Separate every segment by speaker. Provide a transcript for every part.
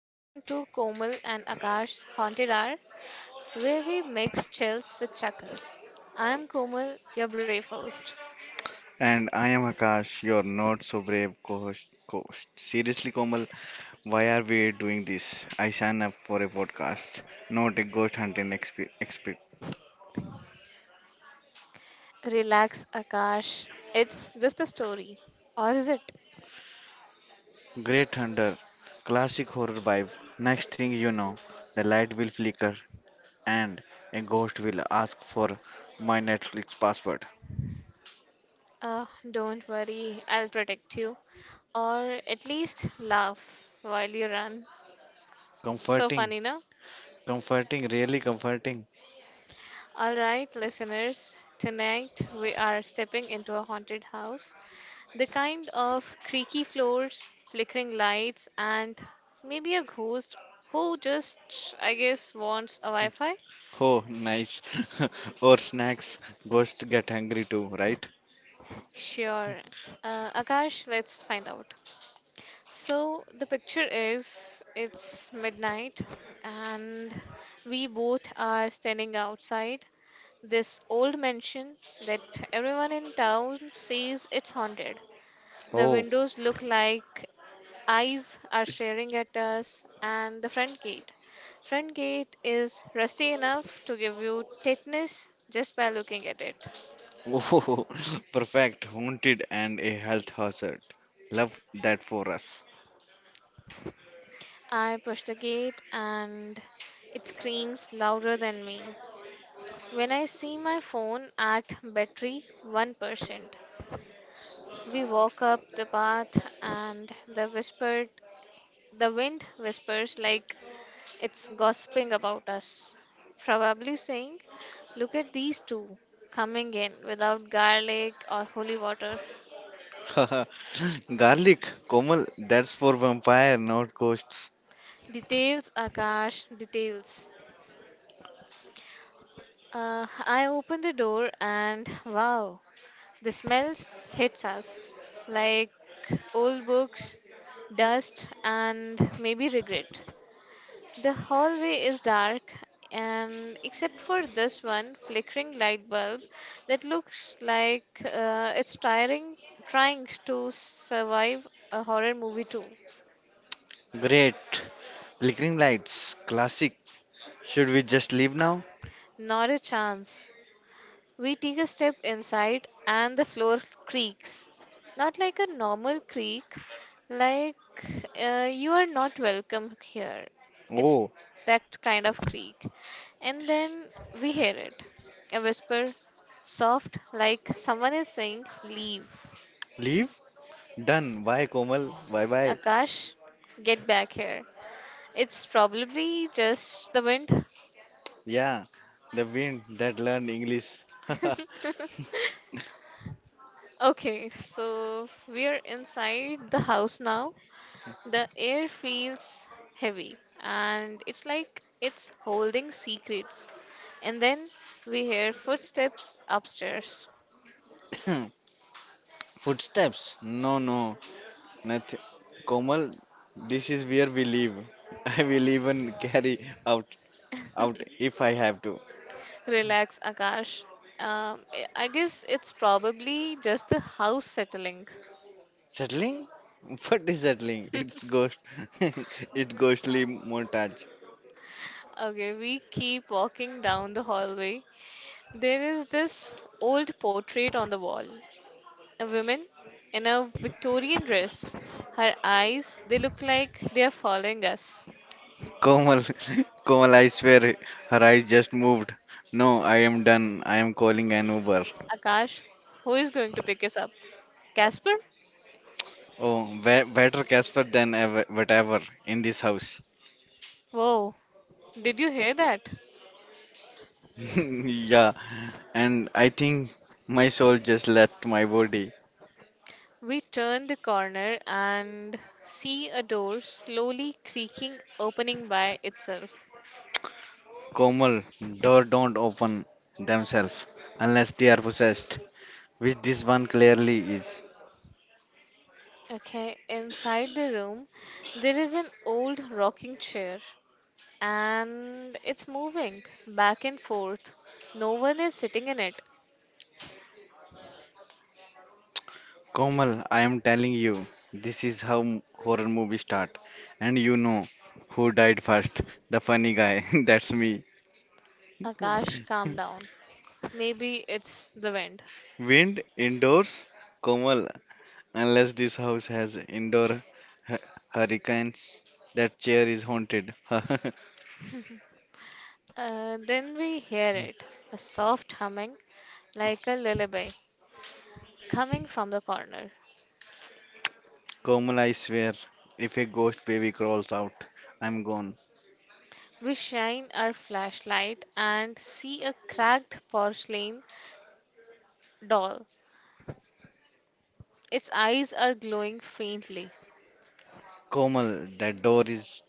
Speaker 1: welcome to Komal and Akash's Haunted Hour, where we mix chills with chuckles. I'm Komal, your brave host.
Speaker 2: And I am Akash, your not so brave co-host. Seriously, Komal, why are we doing this? I signed up for a podcast, not a ghost hunting expert.
Speaker 1: Relax, Akash. It's just a story. Or is it?
Speaker 2: Great Hunter, classic horror vibe. Next thing you know, the light will flicker and a ghost will ask for my Netflix password.
Speaker 1: Don't worry, I'll protect you. Or at least laugh while you run. So
Speaker 2: Comforting,
Speaker 1: funny, no?
Speaker 2: comforting, really comforting.
Speaker 1: All right, listeners, tonight we are stepping into a haunted house. The kind of creaky floors, flickering lights, and maybe a ghost who just, I guess, wants a Wi Fi.
Speaker 2: Oh, nice. Or snacks, ghosts get hungry too, right?
Speaker 1: Sure. Akash, let's find out. So, the picture is it's midnight, and we both are standing outside this old mansion that everyone in town says it's haunted. The
Speaker 2: Oh.
Speaker 1: windows look like eyes are staring at us, and the front gate. Front gate is rusty enough to give you tetanus just by looking at it.
Speaker 2: Oh, perfect, haunted, and a health hazard. Love that for us.
Speaker 1: I push the gate and it screams louder than me. When I see my phone at battery 1%, we walk up the path and the wind whispers like it's gossiping about us, probably saying, "Look at these two coming in without garlic or holy water."
Speaker 2: Garlic, Komal, that's for vampire, not ghosts.
Speaker 1: Details, Akash, details. I open the door and wow, the smells hits us like old books, dust, and maybe regret. The hallway is dark, and except for this one flickering light bulb that looks like it's tiring, trying to survive a horror movie too.
Speaker 2: Great. Flickering lights, classic. Should we just leave now?
Speaker 1: Not a chance. We take a step inside and the floor creaks. Not like a normal creak, like you are not welcome here. It's
Speaker 2: Oh,
Speaker 1: that kind of creak. And then we hear it, a whisper, soft, like someone is saying, "Leave."
Speaker 2: leave? Done. Bye, Komal. Bye bye.
Speaker 1: Akash, get back here. It's probably just the wind.
Speaker 2: Yeah, the wind that learned English.
Speaker 1: Okay, so we are inside the house now. The air feels heavy and it's like it's holding secrets. And then we hear footsteps upstairs.
Speaker 2: Footsteps? No, nothing. Komal, this is where we live. I will even carry out out if I have to.
Speaker 1: Relax, Akash. I guess it's probably just the house settling.
Speaker 2: Settling? What is settling? It's ghost. It's ghostly montage.
Speaker 1: Okay, we keep walking down the hallway. There is this old portrait on the wall. A woman in a Victorian dress. Her eyes, they look like they are following us.
Speaker 2: Komal, Komal, I swear her eyes just moved. No, I am done. I am calling an Uber.
Speaker 1: Akash, who is going to pick us up? Casper?
Speaker 2: Oh, better Casper than ever, whatever in this house.
Speaker 1: Whoa, did you hear that?
Speaker 2: Yeah, and I think my soul just left my body.
Speaker 1: We turn the corner and see a door slowly creaking, opening by itself.
Speaker 2: Komal, door don't open themselves unless they are possessed, which this one clearly is.
Speaker 1: Okay, inside the room, there is an old rocking chair and it's moving back and forth. No one is sitting in it.
Speaker 2: Komal, I am telling you, this is how horror movies start. And you know who died first? The funny guy. That's me.
Speaker 1: Akash, calm down. Maybe it's the wind.
Speaker 2: Wind indoors? Komal, unless this house has indoor hu- hurricanes, that chair is haunted.
Speaker 1: Then we hear it, a soft humming like a lullaby coming from the corner.
Speaker 2: Komal, I swear, if a ghost baby crawls out, I'm gone.
Speaker 1: We shine our flashlight and see a cracked porcelain doll. Its eyes are glowing faintly.
Speaker 2: Komal, that door is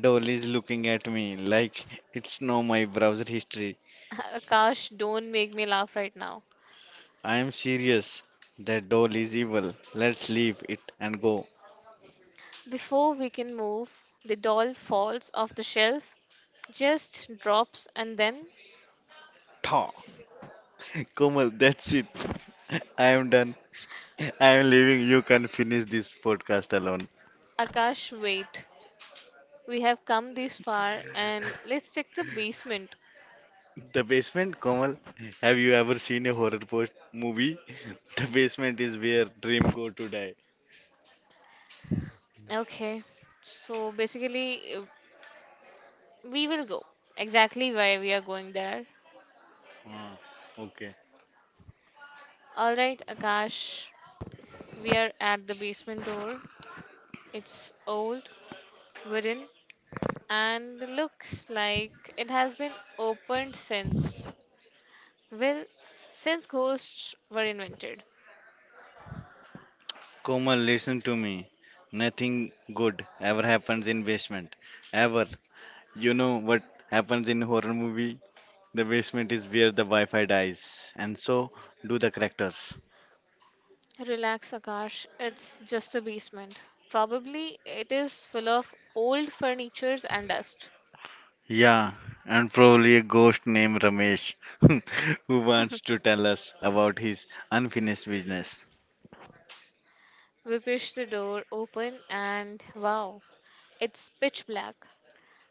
Speaker 2: doll is looking at me like it's know my browser history.
Speaker 1: Akash, don't make me laugh right now.
Speaker 2: I am serious. That doll is evil. Let's leave it and go.
Speaker 1: Before we can move, the doll falls off the shelf, just drops, and then
Speaker 2: Thaw. Komal, that's it. I am done. I am leaving. You can finish this podcast alone.
Speaker 1: Akash, wait. We have come this far and let's check the basement.
Speaker 2: The basement, Komal. Have you ever seen a horror post movie? The basement is where dream go to die.
Speaker 1: Okay. So basically, we will go exactly why we are going there.
Speaker 2: Ah, okay.
Speaker 1: All right, Akash, we are at the basement door. It's old, wooden, and looks like it has been opened since, well, since ghosts were invented.
Speaker 2: Komal, listen to me. Nothing good ever happens in basement. Ever. You know what happens in horror movie? The basement is where the Wi Fi dies, and so do the characters.
Speaker 1: Relax, Akash. It's just a basement. Probably it is full of old furnitures and dust.
Speaker 2: Yeah, and probably a ghost named Ramesh who wants to tell us about his unfinished business.
Speaker 1: We push the door open, and wow, it's pitch black.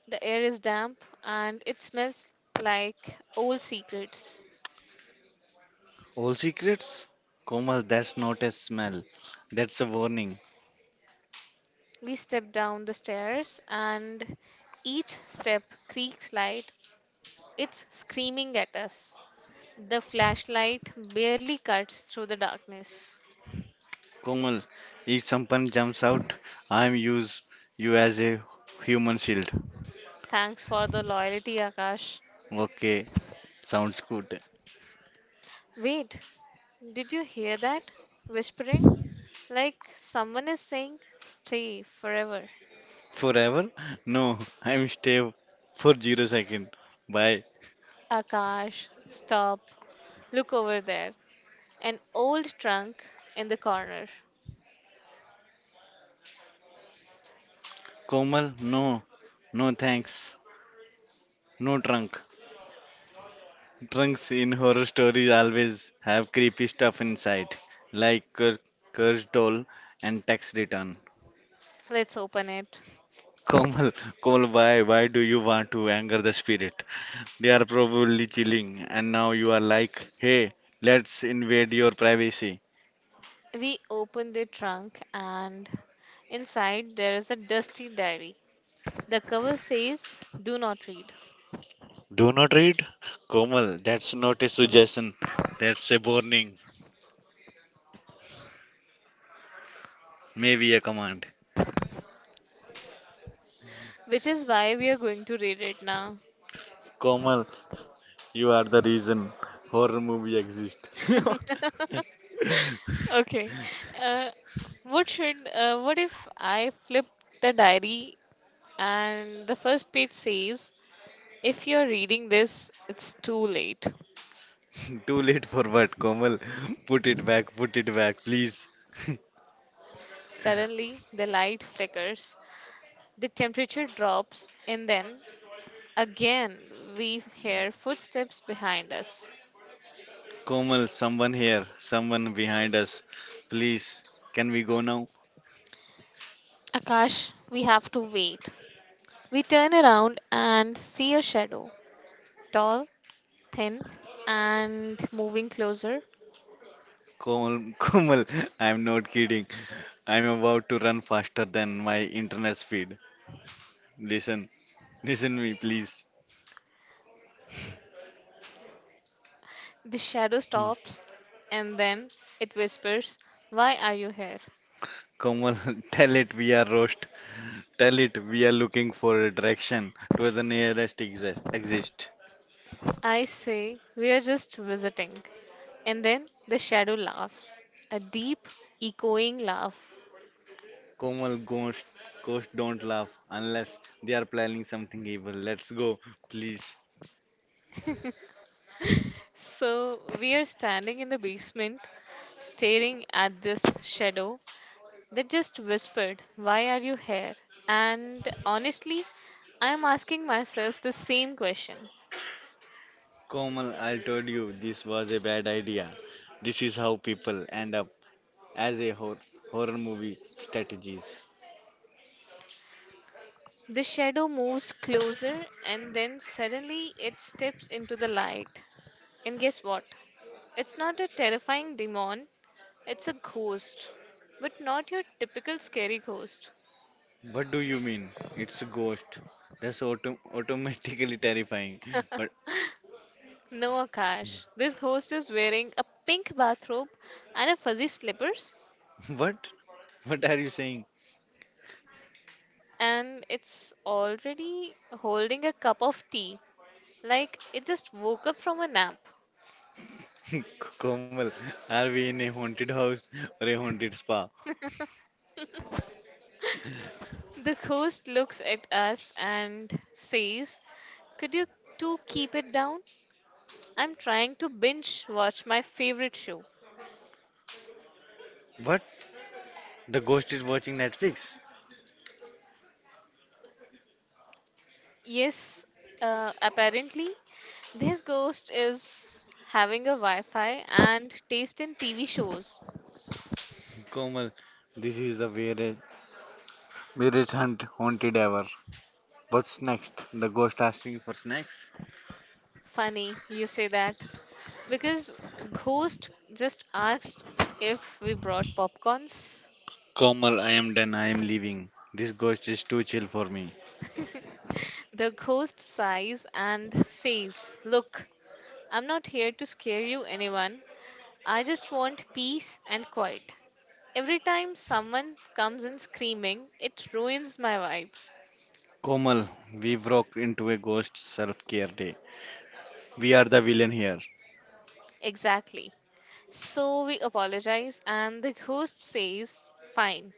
Speaker 1: The air is damp, and it smells like old secrets.
Speaker 2: All secrets? Komal, that's not a smell. That's a warning.
Speaker 1: We step down the stairs, and each step creaks light. It's screaming at us. The flashlight barely cuts through the darkness.
Speaker 2: Komal, if someone jumps out, I'm use you as a human shield.
Speaker 1: Thanks for the loyalty, Akash.
Speaker 2: Okay, sounds good.
Speaker 1: Wait, did you hear that? Whispering? Like someone is saying, "Stay forever."
Speaker 2: Forever? No, I'm stay for 0 second. Bye.
Speaker 1: Akash, stop. Look over there. An old trunk in the corner.
Speaker 2: Komal, no, no thanks, no trunk. Trunks in horror stories always have creepy stuff inside, like cursed doll and tax return.
Speaker 1: Let's open it.
Speaker 2: Komal, Komal, why do you want to anger the spirit? They are probably chilling, and now you are like, hey, let's invade your privacy.
Speaker 1: We open the trunk, and inside there is a dusty diary. The cover says, "Do not read,"
Speaker 2: Do not read, Komal. That's not a suggestion. That's a warning, maybe a command.
Speaker 1: which is why we are going to read it now.
Speaker 2: Komal, you are the reason horror movie exist.
Speaker 1: Okay. Uh, what if I flip the diary and the first page says, "If you're reading this, it's too late."
Speaker 2: Too late for what, Komal? Put it back, please.
Speaker 1: Suddenly, the light flickers, the temperature drops, and then again we hear footsteps behind us.
Speaker 2: Komal, someone behind us. Please, can we go now?
Speaker 1: Akash, we have to wait. We turn around and see a shadow, tall, thin, and moving closer.
Speaker 2: Komal, Komal, I'm not kidding. I'm about to run faster than my internet speed. Listen, listen me, please.
Speaker 1: The shadow stops and then it whispers, "Why are you here?"
Speaker 2: Komal, tell it we are roast. Tell it we are looking for a direction to the nearest exist.
Speaker 1: I say, "We are just visiting." And then the shadow laughs, a deep, echoing laugh.
Speaker 2: Komal Ghost don't laugh unless they are planning something evil. Let's go, please.
Speaker 1: So we are standing in the basement, staring at this shadow that just whispered, "Why are you here?" And honestly, I am asking myself the same question.
Speaker 2: Komal, I told you this was a bad idea. This is how people end up as a horror movie strategies.
Speaker 1: The shadow moves closer and then suddenly it steps into the light. And guess what? It's not a terrifying demon, it's a ghost. But not your typical scary ghost.
Speaker 2: What do you mean? It's a ghost. That's automatically terrifying. But
Speaker 1: No, Akash. This ghost is wearing a pink bathrobe and a fuzzy slippers,
Speaker 2: what? What are you saying?
Speaker 1: and it's already holding a cup of tea, like it just woke up from a nap.
Speaker 2: Komal, are we in a haunted house or a haunted spa?
Speaker 1: The ghost looks at us and says, "Could you two keep it down? I'm trying to binge watch my favorite show."
Speaker 2: What? The ghost is watching Netflix?
Speaker 1: Yes, apparently, this ghost is having a Wi Fi and taste in TV shows.
Speaker 2: Komal, this is a weird Mirage hunt haunted ever. What's next? The ghost asking for snacks.
Speaker 1: Funny, you say that. Because Ghost just asked if we brought popcorns.
Speaker 2: Komal, I am done. I am leaving. This ghost is too chill for me.
Speaker 1: The ghost sighs and says, "Look, I'm not here to scare you, anyone. I just want peace and quiet. Every time someone comes in screaming, it ruins my vibe."
Speaker 2: Komal, we broke into a ghost self care day. We are the villain here.
Speaker 1: Exactly. So we apologize, and the ghost says, "Fine,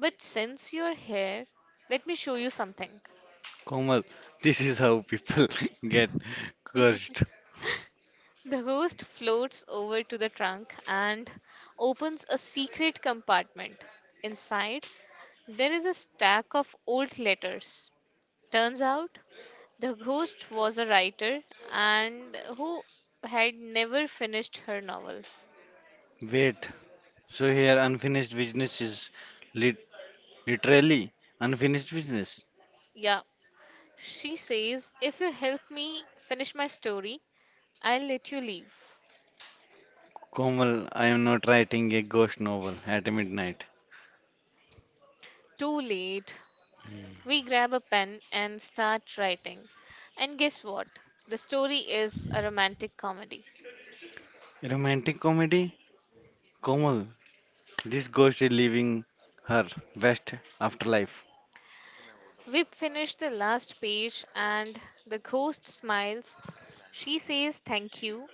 Speaker 1: but since you're here, let me show you something."
Speaker 2: Komal, this is how people get cursed.
Speaker 1: The host floats over to the trunk and opens a secret compartment. Inside, there is a stack of old letters. Turns out, the ghost was a writer and who had never finished her novel.
Speaker 2: Wait, so here unfinished business is lit- literally unfinished business.
Speaker 1: Yeah, she says, "If you help me finish my story, I'll let you leave."
Speaker 2: Komal, I am not writing a ghost novel at midnight.
Speaker 1: Too late. We grab a pen and start writing. And guess what? The story is a romantic comedy.
Speaker 2: Romantic comedy? Komal, this ghost is leaving her West afterlife.
Speaker 1: Whip finished the last page and the ghost smiles. She says, "Thank you.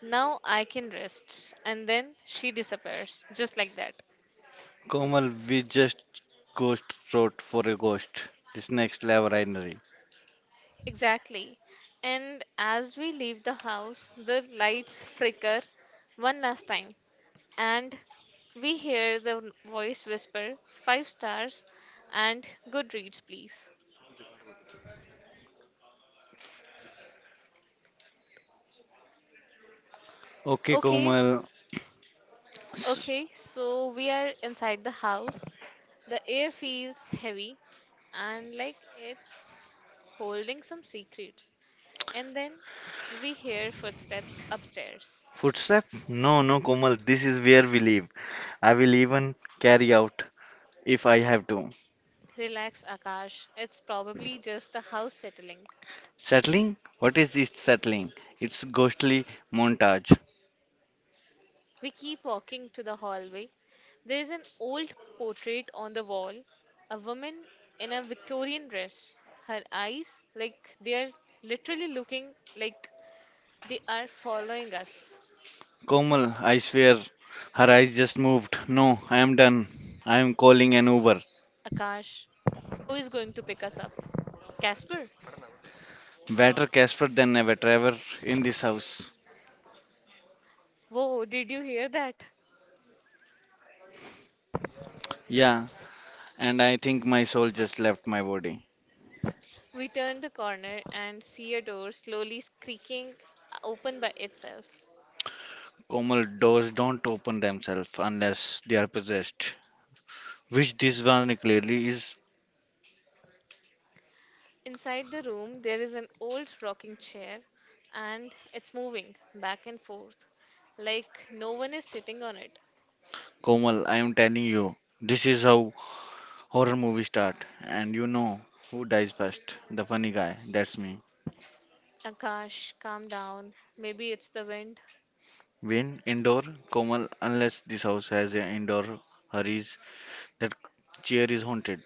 Speaker 1: Now I can rest." And then she disappears, just like that.
Speaker 2: Komal, we just ghost wrote for a ghost. This next level itinerary.
Speaker 1: Exactly. And as we leave the house, the lights flicker one last time. And we hear the voice whisper, "Five stars and good reads, please."
Speaker 2: Okay,
Speaker 1: Okay,
Speaker 2: Komal. S-
Speaker 1: okay, so we are inside the house. The air feels heavy and like holding some secrets. And then we hear footsteps upstairs.
Speaker 2: Footstep? No, Komal. This is where we live. I will even carry out if I have to.
Speaker 1: Relax, Akash. It's probably just the house settling.
Speaker 2: Settling? What is this settling? It's ghostly montage.
Speaker 1: We keep walking to the hallway. There is an old portrait on the wall, a woman in a Victorian dress. Her eyes, like they are literally looking like they are following us.
Speaker 2: Komal, I swear, her eyes just moved. No, I am done. I am calling an Uber.
Speaker 1: Akash, who is going to pick us up? Casper?
Speaker 2: Better Casper than ever, Trevor, in this house.
Speaker 1: Whoa, did you hear that?
Speaker 2: Yeah, and I think my soul just left my body.
Speaker 1: We turn the corner and see a door slowly creaking open by itself.
Speaker 2: Komal, doors don't open themselves unless they are possessed. Which this one clearly is.
Speaker 1: Inside the room, there is an old rocking chair and it's moving back and forth like no one is sitting on it.
Speaker 2: Komal, I am telling you, this is how horror movies start. And you know who dies first? The funny guy, that's me.
Speaker 1: Akash, calm down. Maybe it's the wind.
Speaker 2: Win, indoor, Komal, unless this house has an indoor hurries, that chair is haunted.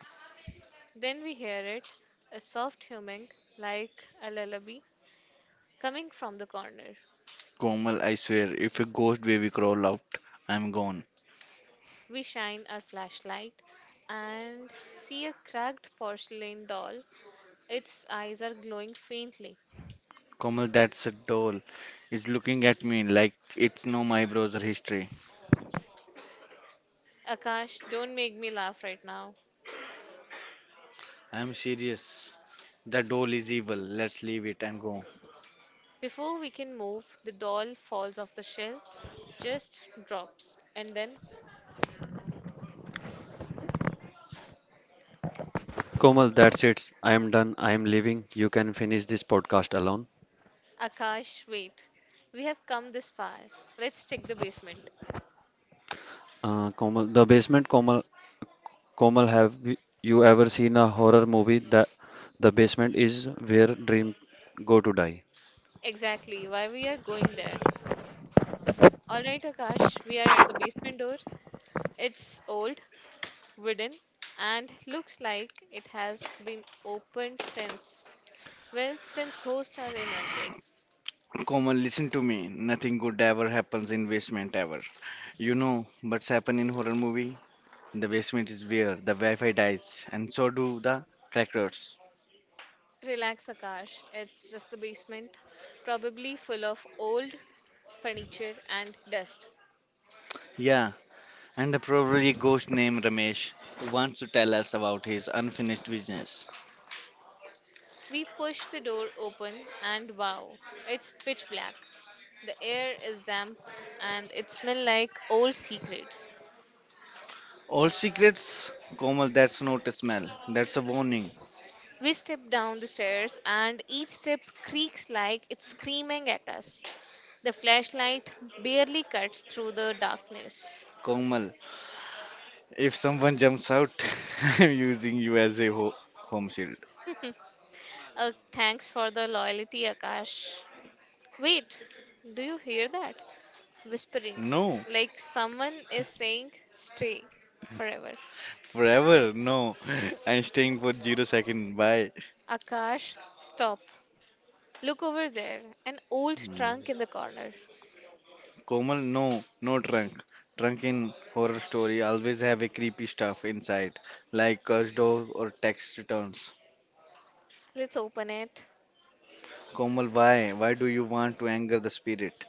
Speaker 1: Then we hear it, a soft humming like a lullaby coming from the corner.
Speaker 2: Komal, I swear, if a ghost baby crawl out, I'm gone.
Speaker 1: We shine our flashlight and see a cracked porcelain doll. Its eyes are glowing faintly.
Speaker 2: Komal, that's a doll, is looking at me like it's no my browser history.
Speaker 1: Akash, don't make me laugh right now.
Speaker 2: I'm serious. The doll is evil. Let's leave it and go.
Speaker 1: Before we can move, the doll falls off the shelf, just drops. And then,
Speaker 2: Komal, that's it. I am done. I am leaving. You can finish this podcast alone.
Speaker 1: Akash, wait. We have come this far. Let's check the basement.
Speaker 2: Komal, the basement, Komal, have you ever seen a horror movie that the basement is where dreams go to die?
Speaker 1: Exactly, why we are going there. Alright, Akash, we are at the basement door. It's old, wooden and looks like it has been opened since, well, since ghosts are invented.
Speaker 2: Komal, listen to me. Nothing good ever happens in basement ever. You know what's happened in horror movie? The basement is where the Wi-Fi dies, and so do the crackers.
Speaker 1: Relax, Akash. It's just the basement. Probably full of old furniture and dust.
Speaker 2: Yeah, and probably a ghost named Ramesh who wants to tell us about his unfinished business.
Speaker 1: We push the door open and wow, it's pitch black. The air is damp and it smells like old secrets.
Speaker 2: All secrets, Komal, that's not a smell, that's a warning.
Speaker 1: We step down the stairs, and each step creaks like it's screaming at us. The flashlight barely cuts through the darkness.
Speaker 2: Komal, if someone jumps out, I'm using you as a home shield.
Speaker 1: Thanks for the loyalty, Akash. Wait, do you hear that? Whispering,
Speaker 2: No,
Speaker 1: like someone is saying, "Stay forever."
Speaker 2: forever, no. I'm staying for 0 second. Bye.
Speaker 1: Akash, stop. Look over there, an old trunk in the corner.
Speaker 2: Komal, no, no trunk. Trunk in horror story always have a creepy stuff inside, like cursed door or tax returns.
Speaker 1: Let's open it.
Speaker 2: Komal, why? Why do you want to anger the spirit?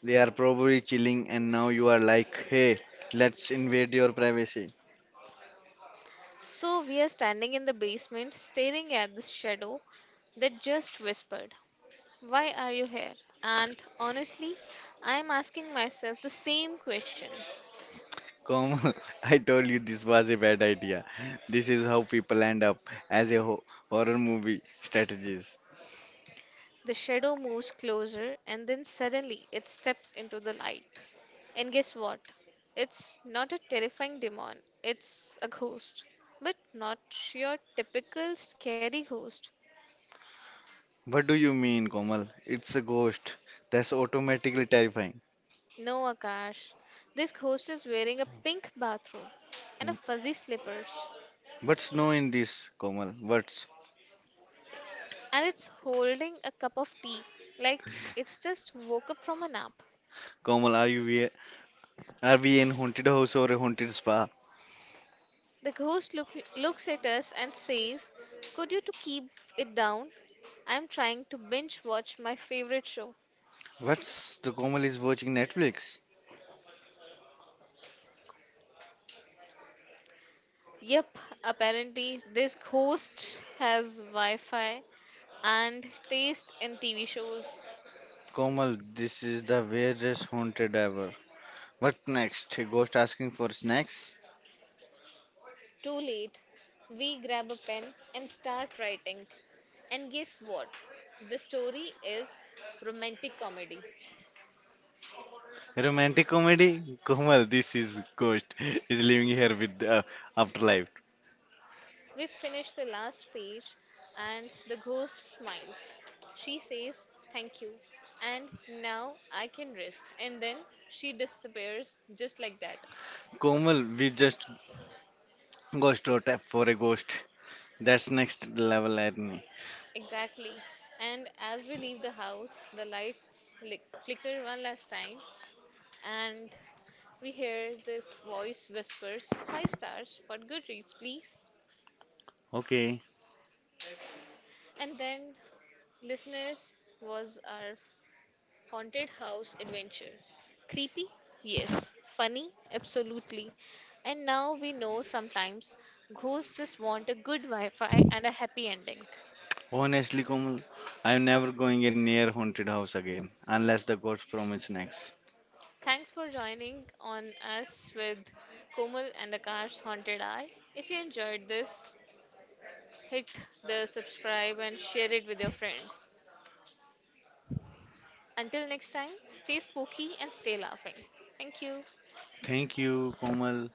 Speaker 2: They are probably chilling, and now you are like, hey, let's invade your privacy.
Speaker 1: So we are standing in the basement staring at this shadow that just whispered, "Why are you here?" And honestly, I am asking myself the same question.
Speaker 2: Komal, I told you this was a bad idea. This is how people end up as a horror movie strategies.
Speaker 1: The shadow moves closer and then suddenly it steps into the light. And guess what? It's not a terrifying demon, it's a ghost. But not your typical scary ghost.
Speaker 2: What do you mean, Komal? It's a ghost. That's automatically terrifying.
Speaker 1: No, Akash. This ghost is wearing a pink bathrobe and a fuzzy slippers,
Speaker 2: What's no in this, Komal? What?
Speaker 1: and it's holding a cup of tea like it's just woke up from a nap.
Speaker 2: Komal, are we in haunted house or a haunted spa?
Speaker 1: The ghost looks at us and says, "Could you to keep it down? I'm trying to binge watch my favorite show."
Speaker 2: What's the Komal is watching Netflix?
Speaker 1: Yep, apparently this ghost has Wi-Fi and taste in TV shows.
Speaker 2: Komal, this is the weirdest haunted ever. What next? A ghost asking for snacks?
Speaker 1: Too late. We grab a pen and start writing. And guess what? The story is romantic comedy.
Speaker 2: Romantic comedy? Komal, this is ghost is living here with the afterlife.
Speaker 1: We finish the last page and the ghost smiles. She says, "Thank you. And now I can rest." And then she disappears just like that.
Speaker 2: Komal, we just ghost out for a ghost. That's next level irony.
Speaker 1: Exactly. And as we leave the house, the flicker one last time. And we hear the voice whispers, "Five stars for Goodreads, please."
Speaker 2: Okay,
Speaker 1: And then listeners was our Haunted House Adventure. Creepy? Yes. Funny? Absolutely. And now we know sometimes ghosts just want a good Wi Fi and a happy ending.
Speaker 2: honestly, Komal, I'm never going in near haunted house again unless the ghost promise snacks.
Speaker 1: Thanks for joining on us with Komal and Akash Haunted Hour. If you enjoyed this, hit the subscribe and share it with your friends. Until next time, stay spooky and stay laughing. Thank you.
Speaker 2: Thank you, Komal.